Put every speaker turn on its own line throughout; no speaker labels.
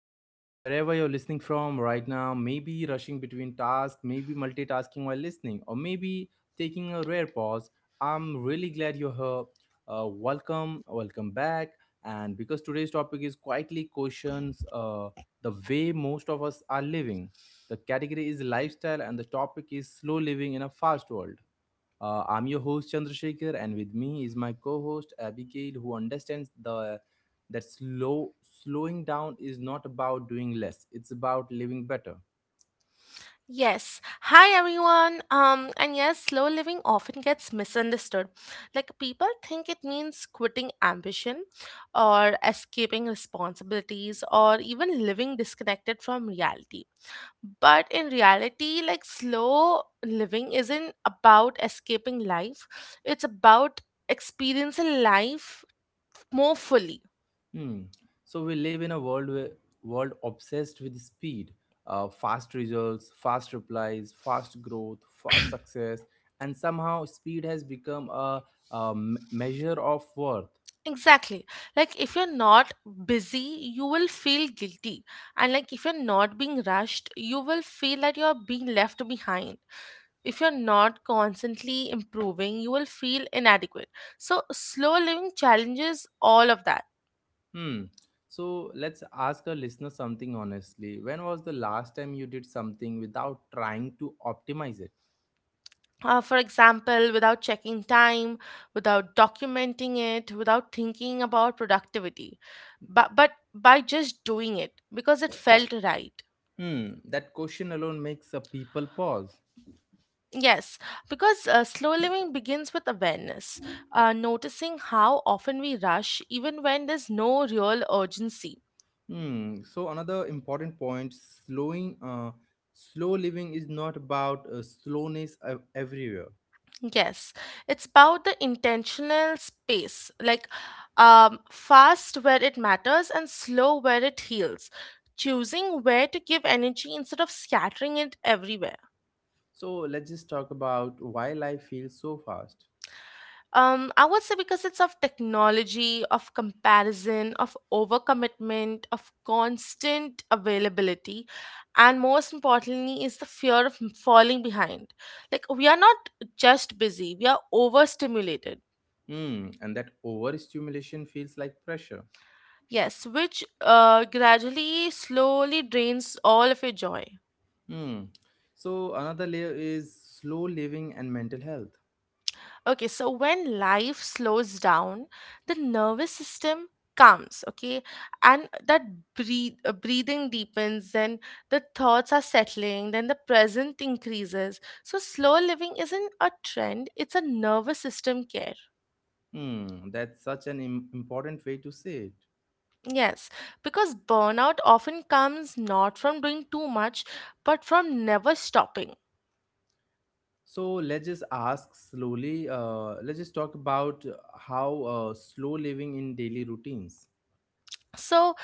back. Wherever you're listening from right now, maybe rushing between tasks, maybe multitasking while listening, or maybe taking a rare pause. I'm really glad you're here. Welcome back. And because today's topic is quietly questions the way most of us are living, the category is lifestyle, and the topic is slow living in a fast world. I'm your host Chandrasekhar, and with me is my co-host Abigail, who understands the that slow slowing down is not about doing less; it's about living better.
Yes. Hi everyone. And yes, slow living often gets misunderstood. Like people think it means quitting ambition or escaping responsibilities or even living disconnected from reality. But in reality, like slow living isn't about escaping life. It's about experiencing life more fully.
Hmm. So we live in a world world obsessed with speed, fast results, fast replies, fast growth, fast success, and somehow speed has become a measure of worth.
Exactly. Like if you're not busy, you will feel guilty. And like if you're not being rushed, you will feel that you're being left behind. If you're not constantly improving, you will feel inadequate. So slow living challenges all of that.
Hmm. So let's ask our listener something honestly. When was the last time you did something without trying to optimize it?
For example, without checking time, without documenting it, without thinking about productivity, but by just doing it because it felt right.
Hmm. That question alone makes a people pause.
Yes, because slow living begins with awareness, noticing how often we rush even when there's no real urgency.
Hmm. So another important point: slow living is not about slowness everywhere.
Yes, it's about the intentional space, like fast where it matters and slow where it heals, choosing where to give energy instead of scattering it everywhere.
So let's just talk about why life feels so fast.
I would say because it's of technology, of comparison, of overcommitment, of constant availability, and most importantly, is the fear of falling behind. Like, we are not just busy, we are overstimulated.
Hmm. And that overstimulation feels like pressure.
Yes, which gradually, slowly drains all of your joy.
Hmm. So another layer is slow living and mental health.
Okay, so when life slows down, the nervous system calms, okay, and that breathing deepens, then the thoughts are settling, then the present increases. So, slow living isn't a trend, it's a nervous system care.
Hmm, that's such an important way to say it.
Yes, because burnout often comes not from doing too much, but from never stopping.
So let's just ask slowly. Let's just talk about how slow living in daily routines.
So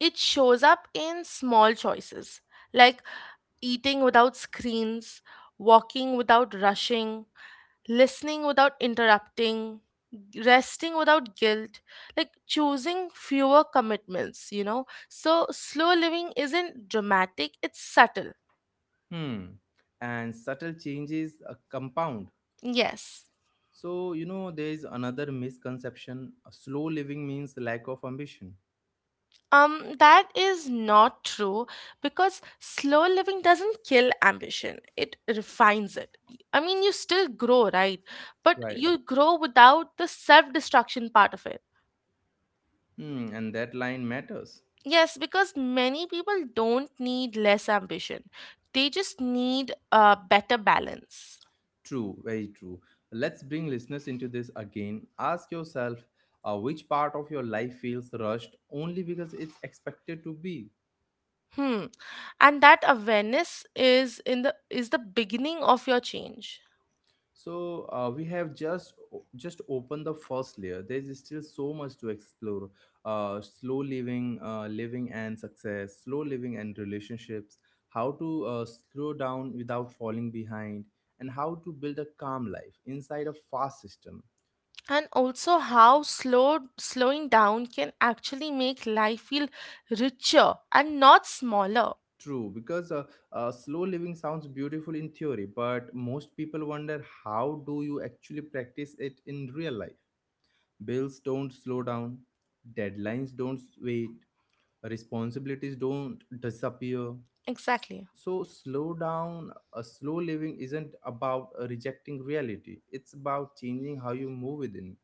it shows up in small choices like eating without screens, walking without rushing, listening without interrupting, resting without guilt, like choosing fewer commitments. So slow living isn't dramatic, it's subtle.
Hmm, and subtle changes compound.
Yes.
So you know there is another misconception. Slow living means lack of ambition.
That is not true because slow living doesn't kill ambition, it refines it. I mean, you still grow, right? But
Right.
you grow without the self destruction part of it.
Hmm, and that line matters.
Yes, because many people don't need less ambition, they just need a better balance.
True, very true. Let's bring listeners into this again. Ask yourself which part of your life feels rushed only because it's expected to be.
Hmm. And that awareness is the beginning of your change.
So we have just opened the first layer. There is still so much to explore. Slow living, living and success, slow living and relationships. How to slow down without falling behind, and how to build a calm life inside a fast system.
And also how slowing down can actually make life feel richer and not smaller.
True, because slow living sounds beautiful in theory, but most people wonder how do you actually practice it in real life? Bills don't slow down, deadlines don't wait, responsibilities don't disappear.
Exactly.
So slow down, a slow living isn't about rejecting reality. It's about changing how you move within.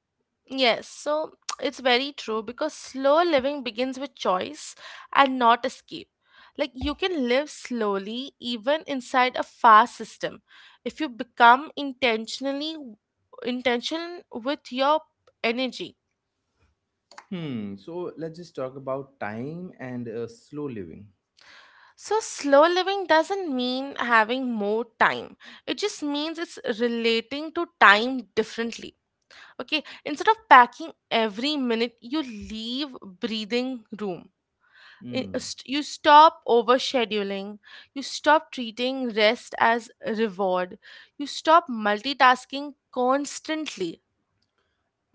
Yes, so it's very true because slow living begins with choice and not escape, like you can live slowly even inside a fast system if you become intentionally intention with your energy.
Hmm. So let's just talk about time and slow living.
So, slow living doesn't mean having more time. It just means it's relating to time differently. Okay, instead of packing every minute, you leave breathing room.
Hmm.
You stop overscheduling. You stop treating rest as reward. You stop multitasking constantly.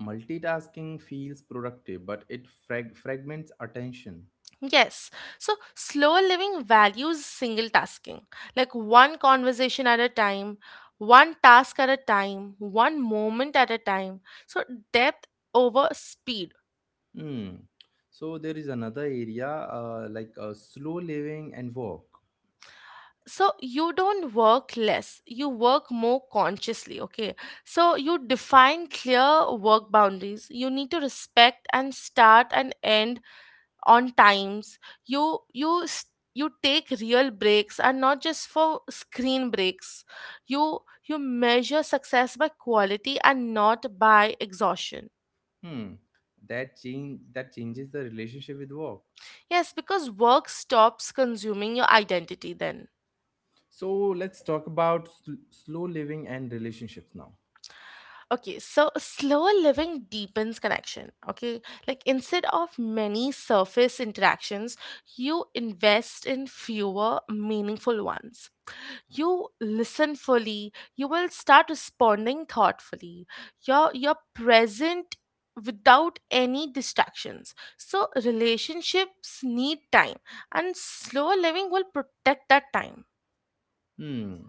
Multitasking feels productive but it fragments attention.
Yes. So slower living values single tasking, like one conversation at a time, one task at a time, one moment at a time. So depth over speed.
Hmm. So there is another area slow living and work.
So you don't work less, you work more consciously, okay? So you define clear work boundaries. You need to respect and start and end on times. you you s- you take real breaks and not just for screen breaks. You measure success by quality and not by exhaustion.
Hmm. That changes the relationship with work.
Yes, because work stops consuming your identity then.
So let's talk about slow living and relationships now.
Okay, so slower living deepens connection, okay, like instead of many surface interactions you invest in fewer meaningful ones. You listen fully, you will start responding thoughtfully, you're present without any distractions. So relationships need time, and slower living will protect that time.
Hmm.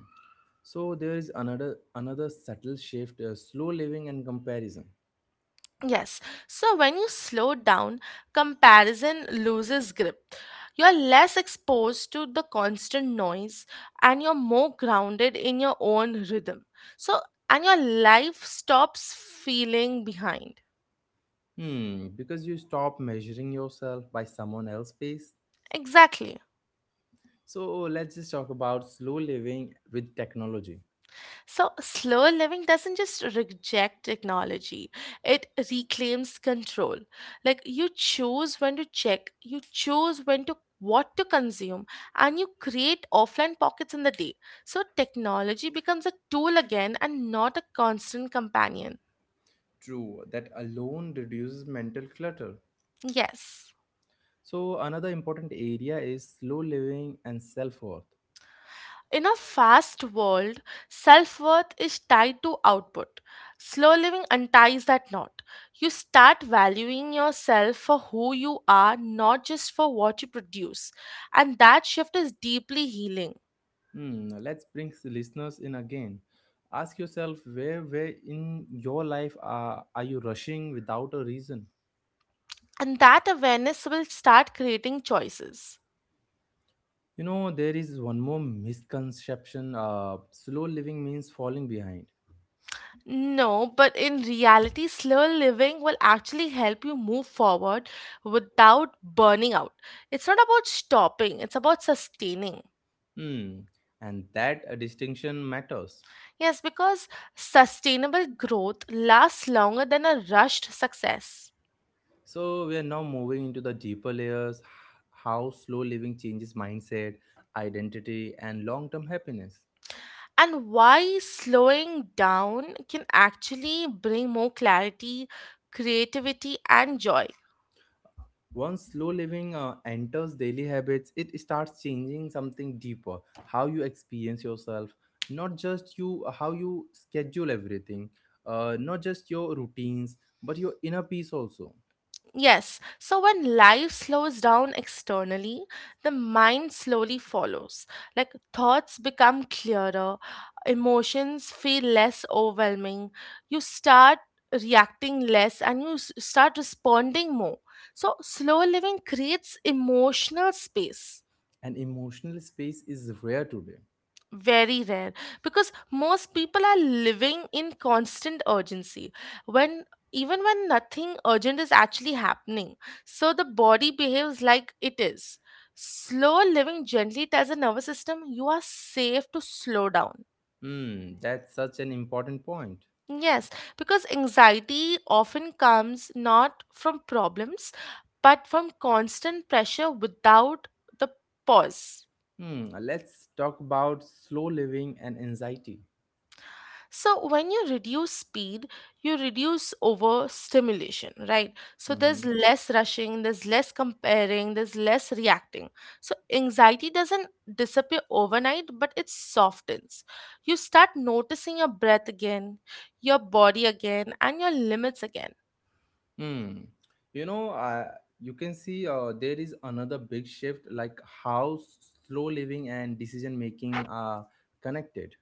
So there is another subtle shift, slow living and comparison.
Yes, so when you slow down, comparison loses grip. You're less exposed to the constant noise, and you're more grounded in your own rhythm. So and your life stops feeling behind.
Hmm, because you stop measuring yourself by someone else's pace.
Exactly.
So let's just talk about slow living with technology.
So, slow living doesn't just reject technology, it reclaims control. Like, you choose when to check, you choose when to what to consume, and you create offline pockets in the day. So, technology becomes a tool again and not a constant companion.
True, that alone reduces mental clutter.
Yes.
So another important area is slow living and self worth.
In a fast world, self worth is tied to output. Slow living unties that knot. You start valuing yourself for who you are, not just for what you produce. And that shift is deeply healing.
Hmm, let's bring listeners in again. Ask yourself where in your life are you rushing without a reason?
And that awareness will start creating choices.
You know there is one more misconception. Slow living means falling behind.
No, but in reality, slow living will actually help you move forward without burning out. It's not about stopping, it's about sustaining.
Hmm, and that distinction matters.
Yes, because sustainable growth lasts longer than a rushed success.
So we are now moving into the deeper layers how slow living changes mindset, identity, and long term happiness.
And why slowing down can actually bring more clarity, creativity, and joy.
Once slow living enters daily habits, it starts changing something deeper, how you experience yourself, not just you, how you schedule everything, not just your routines, but your inner peace also.
Yes, so when life slows down externally, the mind slowly follows. Like thoughts become clearer, emotions feel less overwhelming, you start reacting less and start responding more. So, slow living creates emotional space.
And emotional space is rare today.
Very rare because most people are living in constant urgency when even when nothing urgent is actually happening. So the body behaves like it is. Slow living gently tells the nervous system you are safe to slow down.
Hmm, that's such an important point.
Yes, because anxiety often comes not from problems but from constant pressure without the pause.
Hmm, let's talk about slow living and anxiety.
So when you reduce speed, you reduce overstimulation, right? So
Mm-hmm.
there's less rushing, there's less comparing, there's less reacting. So anxiety doesn't disappear overnight, but it softens. You start noticing your breath again, your body again, and your limits again.
Mm. You know, you can see there is another big shift, like how slow living and decision making are connected.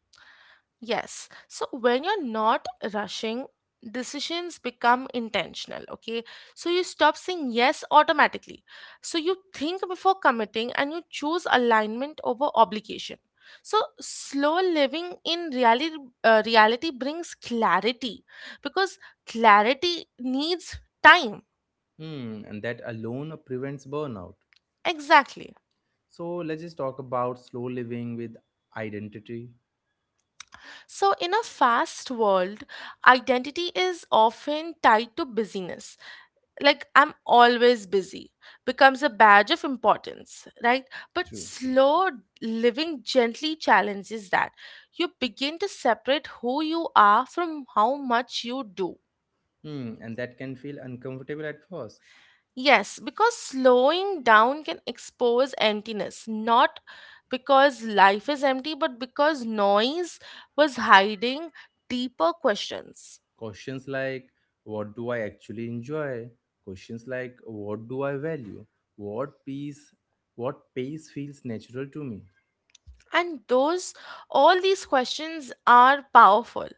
Yes. So when you're not rushing, decisions become intentional. Okay. So you stop saying yes automatically. So you think before committing and you choose alignment over obligation. So slow living in reality brings clarity because clarity needs time.
Hmm. And that alone prevents burnout.
Exactly.
So let's just talk about slow living with identity.
So, in a fast world, identity is often tied to busyness, like "I'm always busy" becomes a badge of importance, right? But
True.
slow living gently challenges that. You begin to separate who you are from how much you do.
Hmm. And that can feel uncomfortable at first.
Yes, because slowing down can expose emptiness, not because life is empty, but because noise was hiding deeper questions.
Questions like, what do I actually enjoy? Questions like, what do I value? What peace, what pace feels natural to me?
And all these questions are powerful.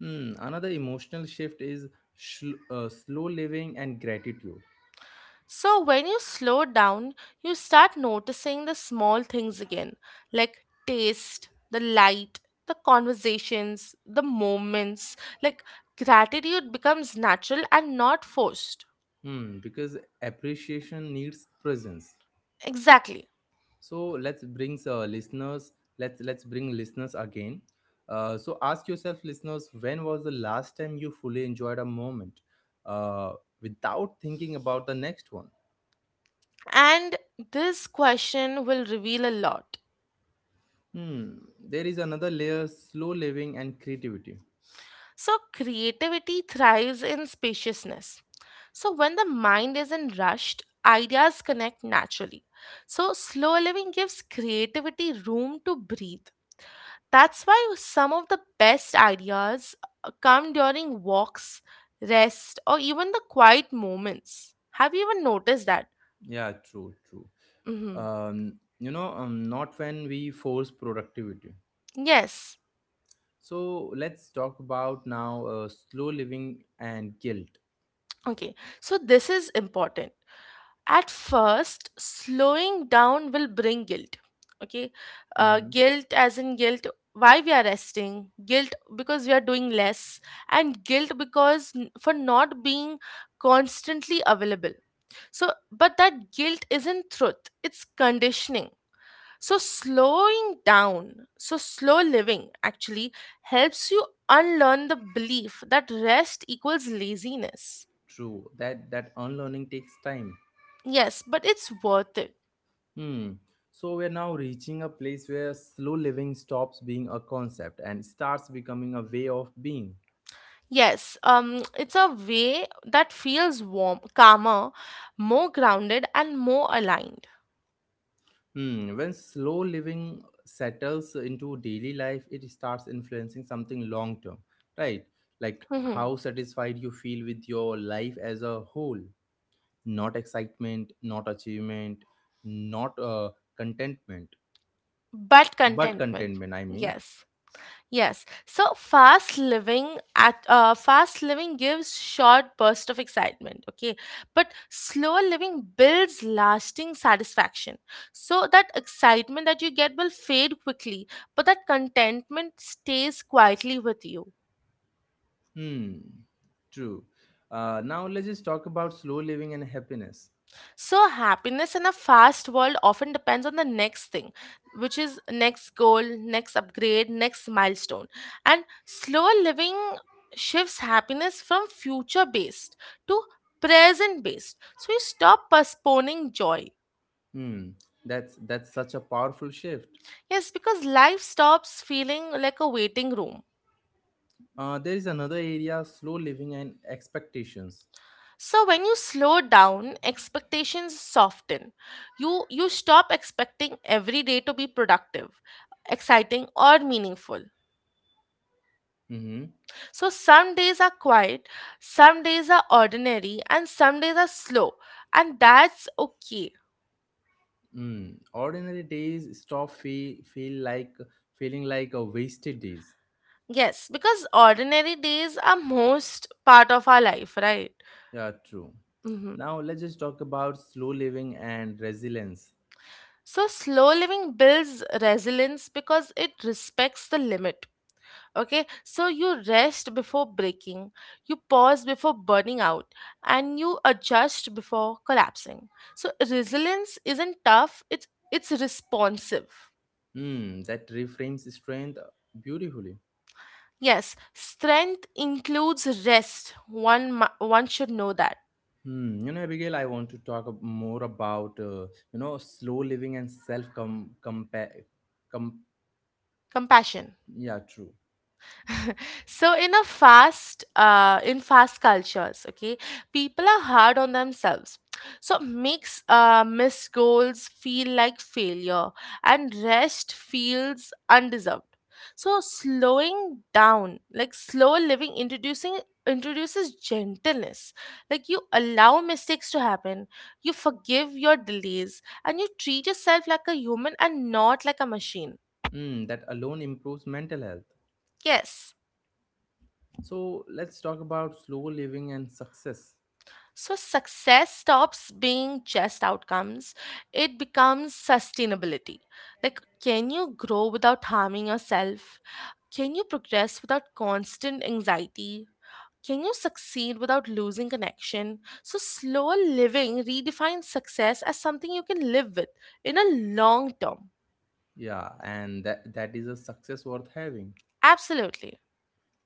Hmm, another emotional shift is slow living and gratitude.
So, when you slow down, you start noticing the small things again, like taste, the light, the conversations, the moments. Like, gratitude becomes natural and not forced.
Hmm, because appreciation needs presence.
Exactly.
So let's bring uh, listeners. Let's bring listeners again. So ask yourself, listeners, when was the last time you fully enjoyed a moment uh, without thinking about the next one?
And this question will reveal a lot.
Hmm, there is another layer: slow living and creativity.
So, creativity thrives in spaciousness. So, when the mind isn't rushed, ideas connect naturally. So, slow living gives creativity room to breathe. That's why some of the best ideas come during walks, rest, or even the quiet moments. Have you even noticed that?
Yeah, true, true.
Hmm.
You know, not when we force productivity.
Yes.
So let's talk about now slow living and guilt.
Okay. So this is important. At first, slowing down will bring guilt. Okay.
Hmm.
Guilt, as in guilt, why we are resting, guilt because we are doing less, and guilt because for not being constantly available. So, but that guilt isn't truth, it's conditioning. So, slow living actually helps you unlearn the belief that rest equals laziness.
True that that unlearning takes time.
Yes, but it's worth it.
Hmm. So we're now reaching a place where slow living stops being a concept and starts becoming a way of being.
Yes, it's a way that feels warm, calmer, more grounded, and more aligned.
Hmm. When slow living settles into daily life, it starts influencing something long term, right? Like
Mhm.
how satisfied you feel with your life as a whole. Not excitement, not achievement, not contentment.
But
But
contentment.
contentment, I mean.
Yes. Yes. So fast living gives short burst of excitement, okay? But slow living builds lasting satisfaction. So that excitement that you get will fade quickly, but that contentment stays quietly with you.
Hmm. True. Now let's just talk about slow living and happiness.
So, happiness in a fast world often depends on the next thing, which is next goal, next upgrade, next milestone. And slower living shifts happiness from future based to present based. So, you stop postponing joy.
Hmm, that's such a powerful shift.
Yes, because life stops feeling like a waiting room.
There is another area, slow living and expectations.
So when you slow down, expectations soften. You stop expecting every day to be productive, exciting or meaningful.
Mm-hmm.
So some days are quiet, some days are ordinary, and some days are slow. And that's okay.
Mm. Ordinary days stop feeling like a wasted days.
Yes, because ordinary days are most part of our life, right?
Yeah, true.
Hmm.
Now let's just talk about slow living and resilience.
So slow living builds resilience because it respects the limit. Okay, so you rest before breaking, you pause before burning out, and you adjust before collapsing. So resilience isn't tough, it's responsive.
Hmm, that reframes strength beautifully.
Yes, strength includes rest. One should know that.
Hmm, you know, Abigail, I want to talk more about you know slow living and self compare. Com-
Compassion.
yeah, true.
So in a fast cultures, okay, people are hard on themselves. So makes missed goals feel like failure, and rest feels undeserved. So slowing down, like slow living, introducing introduces gentleness. Like you allow mistakes to happen, you forgive your delays, and you treat yourself like a human and not like a machine.
Hmm, that alone improves mental health.
Yes.
So let's talk about slow living and success.
So success stops being just outcomes. It becomes sustainability. Like, can you grow without harming yourself? Can you progress without constant anxiety? Can you succeed without losing connection? So, slower living redefines success as something you can live with in a long term.
Yeah, and that is a success worth having.
Absolutely.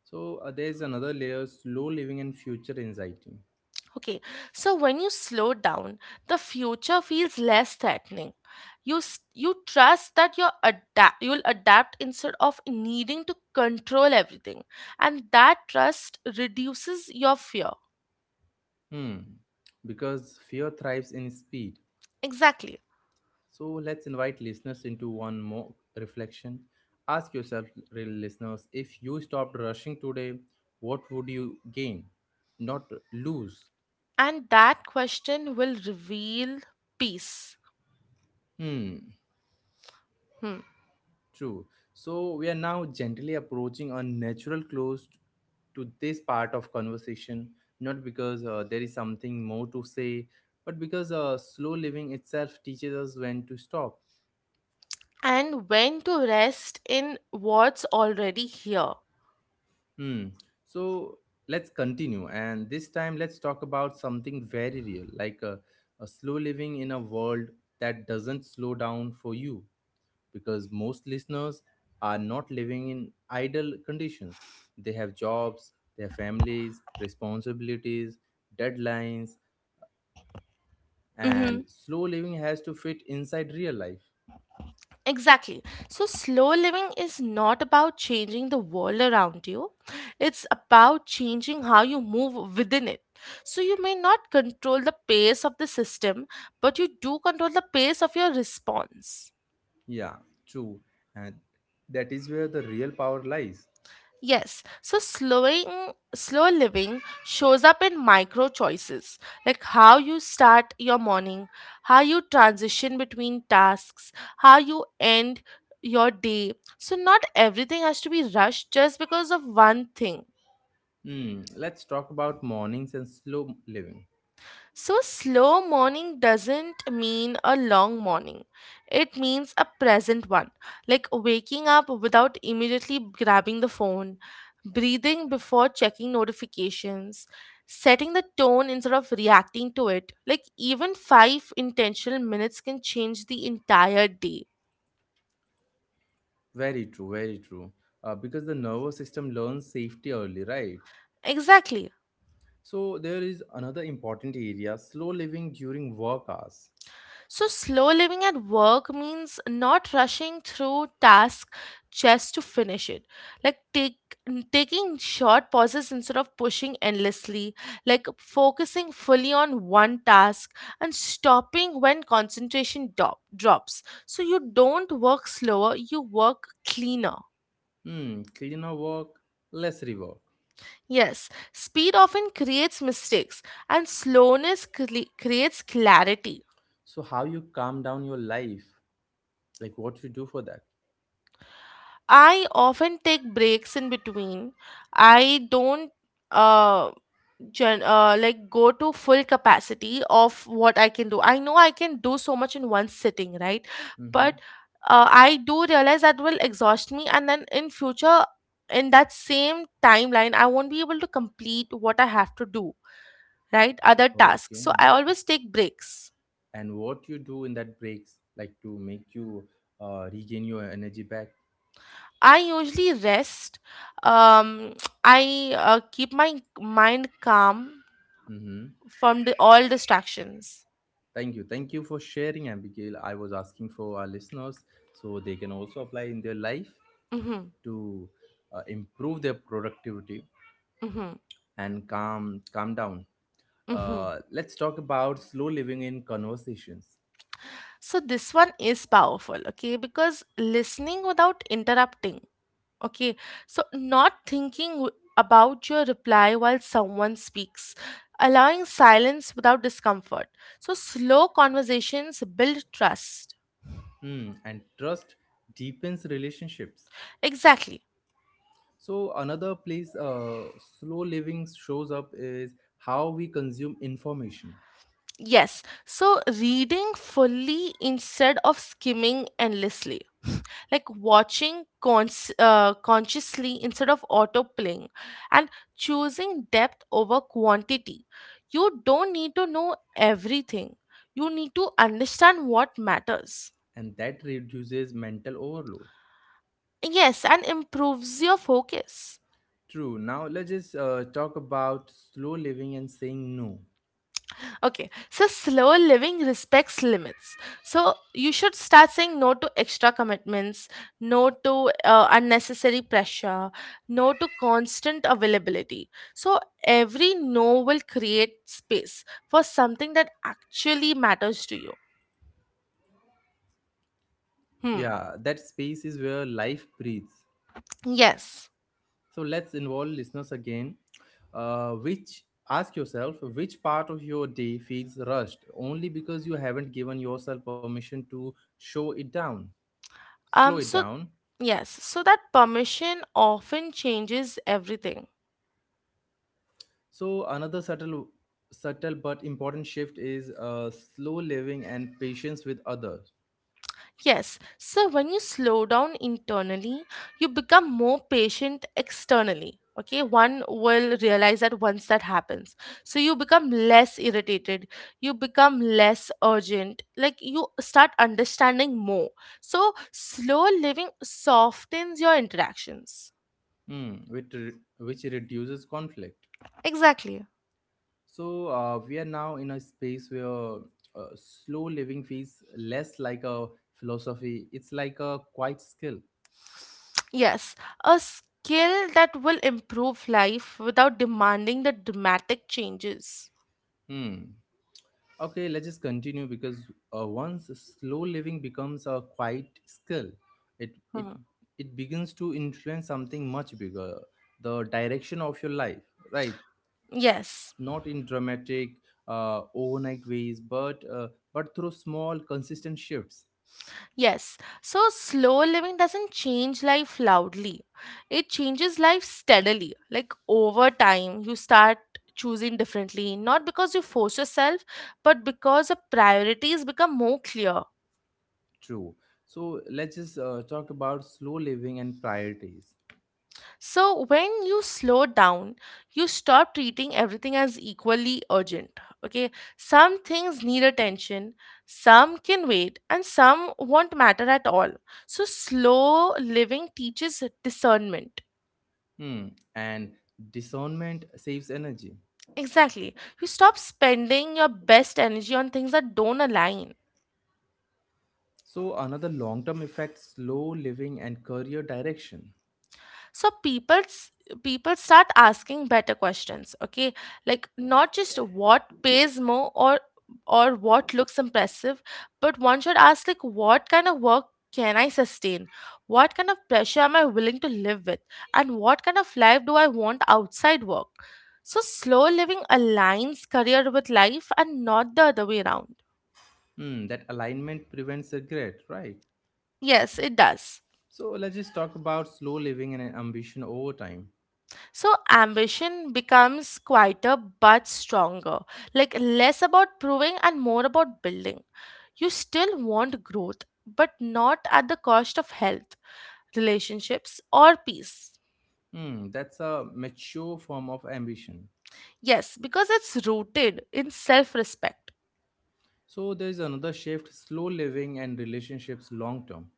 So there is another layer: slow living and future anxiety.
Okay, so when you slow down, the future feels less threatening. You trust that you'll adapt instead of needing to control everything, and that trust reduces your fear.
Hmm, because fear thrives in speed.
Exactly,
So let's invite listeners into one more reflection. Ask yourself, real listeners, if you stopped rushing today, what would you gain? Not lose.
and that question will reveal peace.
Hmm,
Hmm.
true. So we are now gently approaching a natural close to this part of conversation, not because there is something more to say, but because slow living itself teaches us when to stop.
And when to rest in what's already here.
Hmm. So let's continue, and this time let's talk about something very real, like a slow living in a world that doesn't slow down for you, because most listeners are not living in idle conditions. They have jobs, their families, responsibilities, deadlines, and slow living has to fit inside real life.
Exactly. So, slow living is not about changing the world around you, it's about changing how you move within it. So, you may not control the pace of the system, but you do control the pace of your response.
Yeah, true, and that is where the real power lies.
Yes, so slow living shows up in micro choices, like how you start your morning, how you transition between tasks, how you end your day. So not everything has to be rushed just because of one thing.
Hmm. Let's talk about mornings and slow living.
So, slow morning doesn't mean a long morning. It means a present one, like waking up without immediately grabbing the phone, breathing before checking notifications, setting the tone instead of reacting to it. Like, even five intentional minutes can change the entire day.
Very true, very true. Because the nervous system learns safety early, right?
Exactly.
So there is another important area: slow living during work hours.
So, slow living at work means not rushing through tasks just to finish it. Like take, taking short pauses instead of pushing endlessly, like focusing fully on one task and stopping when drops. So, you don't work slower, you work cleaner.
Hmm, cleaner work, less rework.
Yes, speed often creates mistakes and slowness creates clarity.
So how you calm down your life? Like what you do for that?
I often take breaks in between. I don't uh, like go to full capacity of what I can do. I know I can do so much in one sitting, right? But
Mm-hmm.
I do realize that will exhaust me, and then in future, in that same timeline, I won't be able to complete what I have to do, right? Other tasks. So
Okay.
I always take breaks.
And what you do in that breaks, like to make you regain your energy back.
I usually rest. Um, I keep my mind calm
Mm-hmm.
from all distractions.
Thank you. Thank you for sharing, Abigail. I was asking for our listeners so they can also apply in their life,
Mm-hmm.
to improve their productivity
Mm-hmm.
and calm down.
Mm-hmm.
Let's talk about slow living in conversations.
So this one is powerful, okay? Because listening without interrupting, okay? So not thinking about your reply while someone speaks, allowing silence without discomfort. So slow conversations build trust.
Hmm, and trust deepens relationships.
Exactly.
So another place slow living shows up is how we consume information,
Yes, so reading fully instead of skimming endlessly, like watching consciously instead of autoplaying, and choosing depth over quantity. You don't need to know everything, you need to understand what matters.
and that reduces mental overload.
Yes, and improves your focus.
True. Now let's just talk about slow living and saying no.
Okay, so slow living respects limits. So you should start saying no to extra commitments, no to unnecessary pressure, no to constant availability. So every no will create space for something that actually matters to you. Hmm.
Yeah, that space is where life breathes.
Yes.
So let's involve listeners again. Which Ask yourself which part of your day feels rushed only because you haven't given yourself permission to slow
Um.
it
So
down.
yes. So that permission often changes everything.
So another subtle but important shift is slow living and patience with others.
Yes, so when you slow down internally, you become more patient externally. Okay, one will realize that once that happens. So you become less irritated, you become less urgent, like you start understanding more. So slow living softens your interactions.
Hmm, which reduces conflict.
Exactly.
So we are now in a space where slow living feels less like a philosophy; it's like a quiet skill.
Yes, a skill that will improve life without demanding the dramatic changes.
Hmm. Okay, let's just continue because once slow living becomes a quiet skill, it it
Hmm.
it begins to influence something much bigger, the direction of your life, right?
Yes.
Not in dramatic overnight ways, but through small consistent shifts.
Yes, so slow living doesn't change life loudly. It changes life steadily. Like over time, you start choosing differently, not because you force yourself, but because the priorities become more clear.
True. So let's just talk about slow living and priorities.
So when you slow down, you stop treating everything as equally urgent. Okay, some things need attention, some can wait, and some won't matter at all. So slow living teaches discernment.
Hmm. And discernment saves energy.
Exactly. You stop spending your best energy on things that don't align.
So another long-term effect: slow living and career direction.
So people start asking better questions, okay? Like not just what pays more or what looks impressive, but one should ask like what kind of work can I sustain? What kind of pressure am I willing to live with? And what kind of life do I want outside work? So slow living aligns career with life and not the other way around.
Hmm, that alignment prevents regret, right?
Yes, it does.
So let's just talk about slow living and ambition over time.
So ambition becomes quieter but stronger, like less about proving and more about building. You still want growth, but not at the cost of health, relationships, or peace.
Hmm, that's a mature form of ambition.
Yes, because it's rooted in self respect.
So there's another shift, slow living and relationships long term.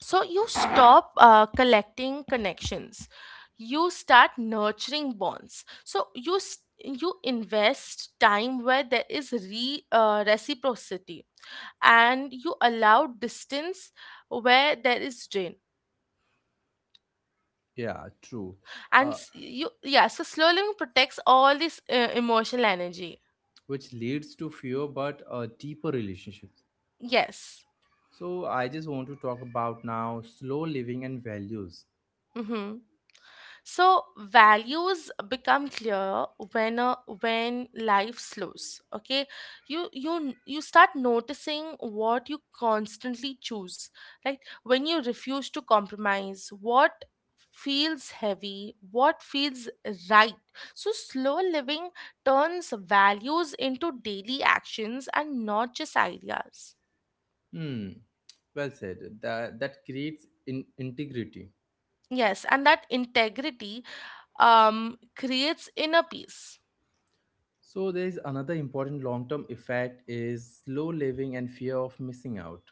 So you stop collecting connections, you start nurturing bonds. So you invest time where there is reciprocity and you allow distance where there is drain,
Yeah, true.
and
Uh,
s- you yeah, so slow living protects all this emotional energy.
which leads to fewer but deeper relationships.
Yes.
So I just want to talk about now slow living and values.
Mm-hmm. So values become clearer when uh, when life slows. Okay, you start noticing what you constantly choose. Right, when you refuse to compromise, what feels heavy, what feels right. So slow living turns values into daily actions and not just ideas.
Hmm, well said. That creates integrity.
Yes, and that integrity creates inner peace.
So there is another important long-term effect is slow living and fear of missing out.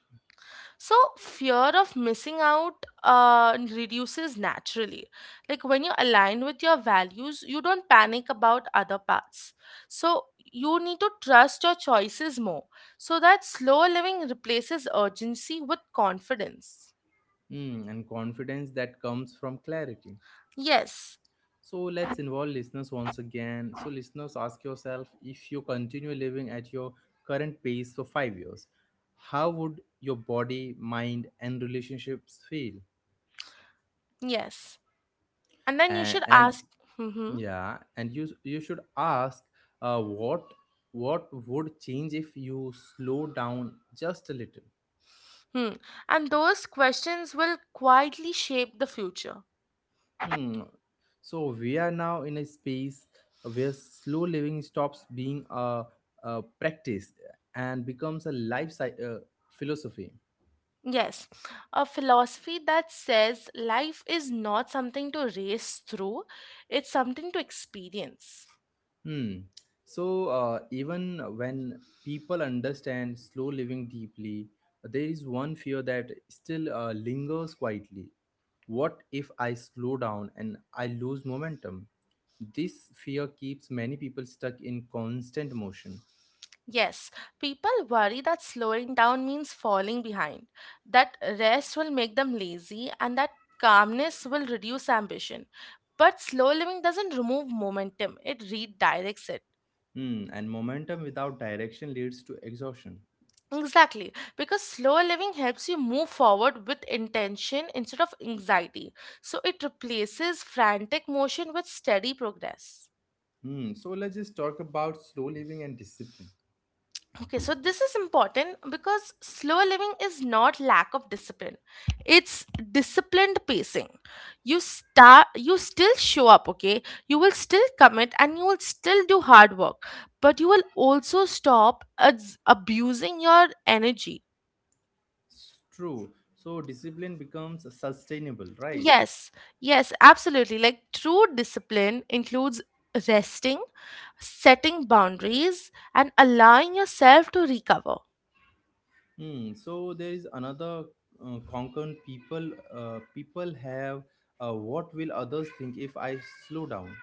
So fear of missing out reduces naturally. Like when you're aligned with your values, you don't panic about other paths. So you need to trust your choices more so that slow living replaces urgency with confidence.
Hmm, and confidence that comes from clarity.
Yes,
So let's involve listeners once again. So listeners, ask yourself if you continue living at your current pace for 5 years, how would your body, mind, and relationships feel?
yes. And then you should
And
ask, hmm.
Yeah, and you should ask uh, what what would change if you slow down just a little.
Hmm. And those questions will quietly shape the future.
Hmm. So we are now in a space where slow living stops being a practice and becomes a philosophy.
Yes, a philosophy that says life is not something to race through, it's something to experience.
Hmm. So even when people understand slow living deeply, there is one fear that still lingers quietly. What if I slow down and I lose momentum? This fear keeps many people stuck in constant motion.
Yes, people worry that slowing down means falling behind, that rest will make them lazy, and that calmness will reduce ambition. But slow living doesn't remove momentum, it redirects it.
Hmm, and momentum without direction leads to exhaustion.
Exactly, because slower living helps you move forward with intention instead of anxiety. So it replaces frantic motion with steady progress.
Hmm, so let's just talk about slow living and discipline.
Okay, so this is important because slower living is not lack of discipline. It's disciplined pacing. You still show up, okay? You will still commit and you will still do hard work, but you will also stop abusing your energy.
It's true. So discipline becomes sustainable, right?
Yes, yes, absolutely. Like true discipline includes resting, setting boundaries, and allowing yourself to recover.
Hmm, so there is another concern people have, what will others think if I slow down?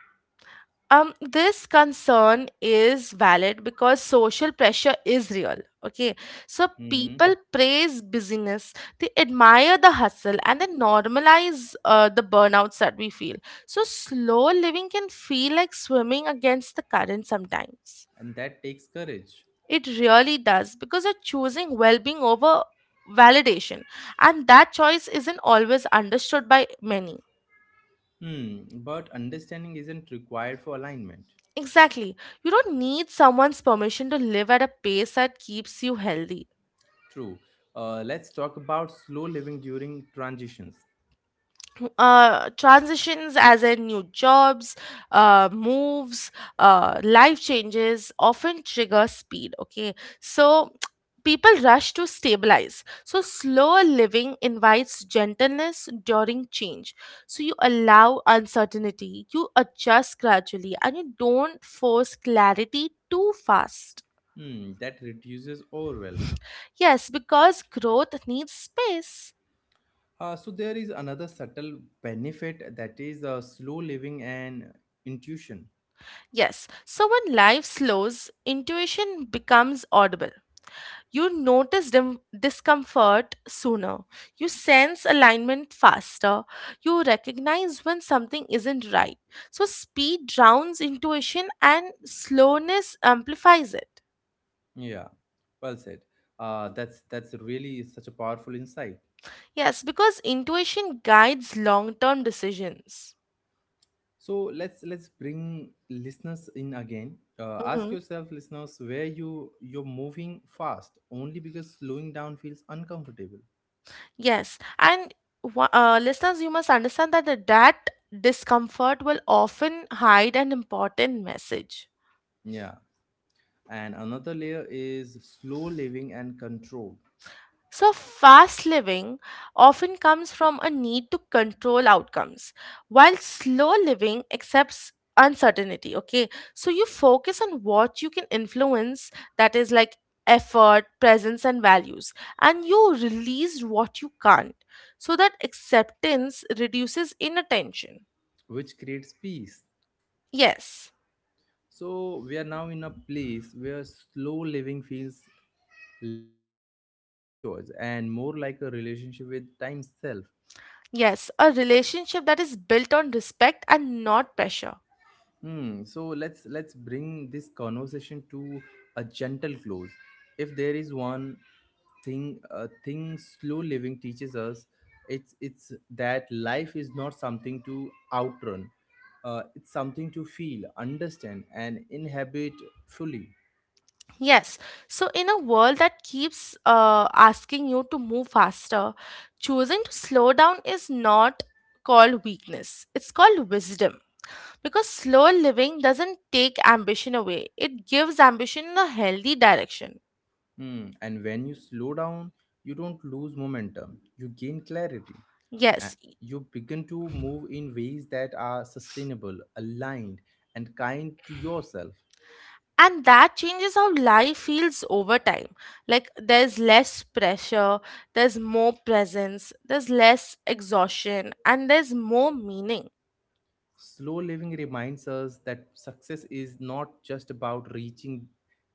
This concern is valid because social pressure is real. Okay, so
Mm-hmm.
people praise busyness, they admire the hustle, and they normalize the burnouts that we feel. So, slow living can feel like swimming against the current sometimes.
And that takes courage.
It really does because you're choosing well being over validation, and that choice isn't always understood by many.
Hmm, but understanding isn't required for alignment.
Exactly. You don't need someone's permission to live at a pace that keeps you healthy.
True. Let's talk about slow living during transitions.
Transitions as in new jobs, moves, life changes often trigger speed, okay? So people rush to stabilize, so slower living invites gentleness during change, so you allow uncertainty, you adjust gradually, and you don't force clarity too fast.
Hmm, that reduces overwhelm.
Yes, because growth needs space.
So there is another subtle benefit, that is slow living and intuition.
Yes, so when life slows, intuition becomes audible. You notice discomfort sooner. You sense alignment faster. You recognize when something isn't right. So, speed drowns intuition and slowness amplifies it.
Yeah, well said. That's really such a powerful insight.
Yes, because intuition guides long term decisions.
So let's bring listeners in again. Ask
Mhm.
yourself, listeners, where you're moving fast only because slowing down feels uncomfortable.
Yes, and listeners, you must understand that that discomfort will often hide an important message.
Yeah, and another layer is slow living and control,
So, fast living often comes from a need to control outcomes, while slow living accepts uncertainty. Okay, so you focus on what you can influence, that is like effort, presence, and values, and you release what you can't, so that acceptance reduces inattention.
which creates peace.
Yes,
So we are now in a place where slow living feels less like a lifestyle choice and more like a relationship with time itself.
yes, a relationship that is built on respect and not pressure.
Hmm. So let's bring this conversation to a gentle close. If there is one thing a thing slow living teaches us, it's that life is not something to outrun. It's something to feel, understand, and inhabit fully.
Yes. So, in a world that keeps asking you to move faster, choosing to slow down is not called weakness, it's called wisdom. Because slow living doesn't take ambition away, it gives ambition in a healthy direction.
Hmm, and when you slow down, you don't lose momentum, you gain clarity.
Yes.
You begin to move in ways that are sustainable, aligned, and kind to yourself.
And that changes how life feels over time. Like there's less pressure, there's more presence, there's less exhaustion, and there's more meaning.
Slow living reminds us that success is not just about reaching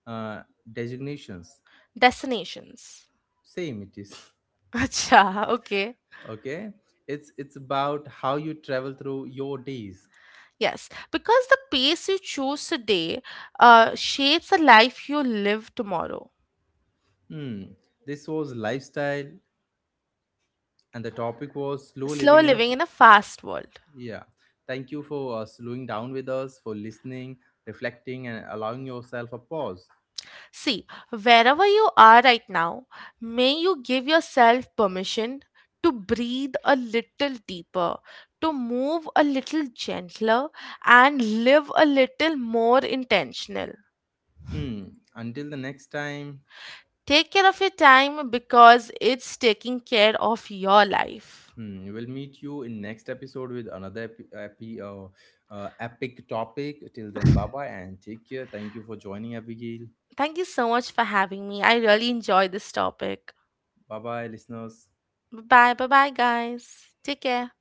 uh, designations.
Destinations.
Same it is.
Acha, okay.
Okay? It's about how you travel through your days.
Yes, because the pace you choose today shapes the life you live tomorrow.
Hmm. This was lifestyle, and the topic was slow
Slow
living in a...
living in a fast world.
Yeah. Thank you for slowing down with us, for listening, reflecting, and allowing yourself a pause.
See, wherever you are right now, may you give yourself permission to breathe a little deeper, to move a little gentler, and live a little more intentional.
Hmm. Until the next time,
Take care of your time because it's taking care of your life.
hmm, we'll meet you in next episode with another epic topic. Till then, bye bye and take care. Thank you for joining, Abigail.
Thank you so much for having me. I really enjoy this topic.
Bye bye, listeners.
Bye bye. Bye bye, guys. Take care.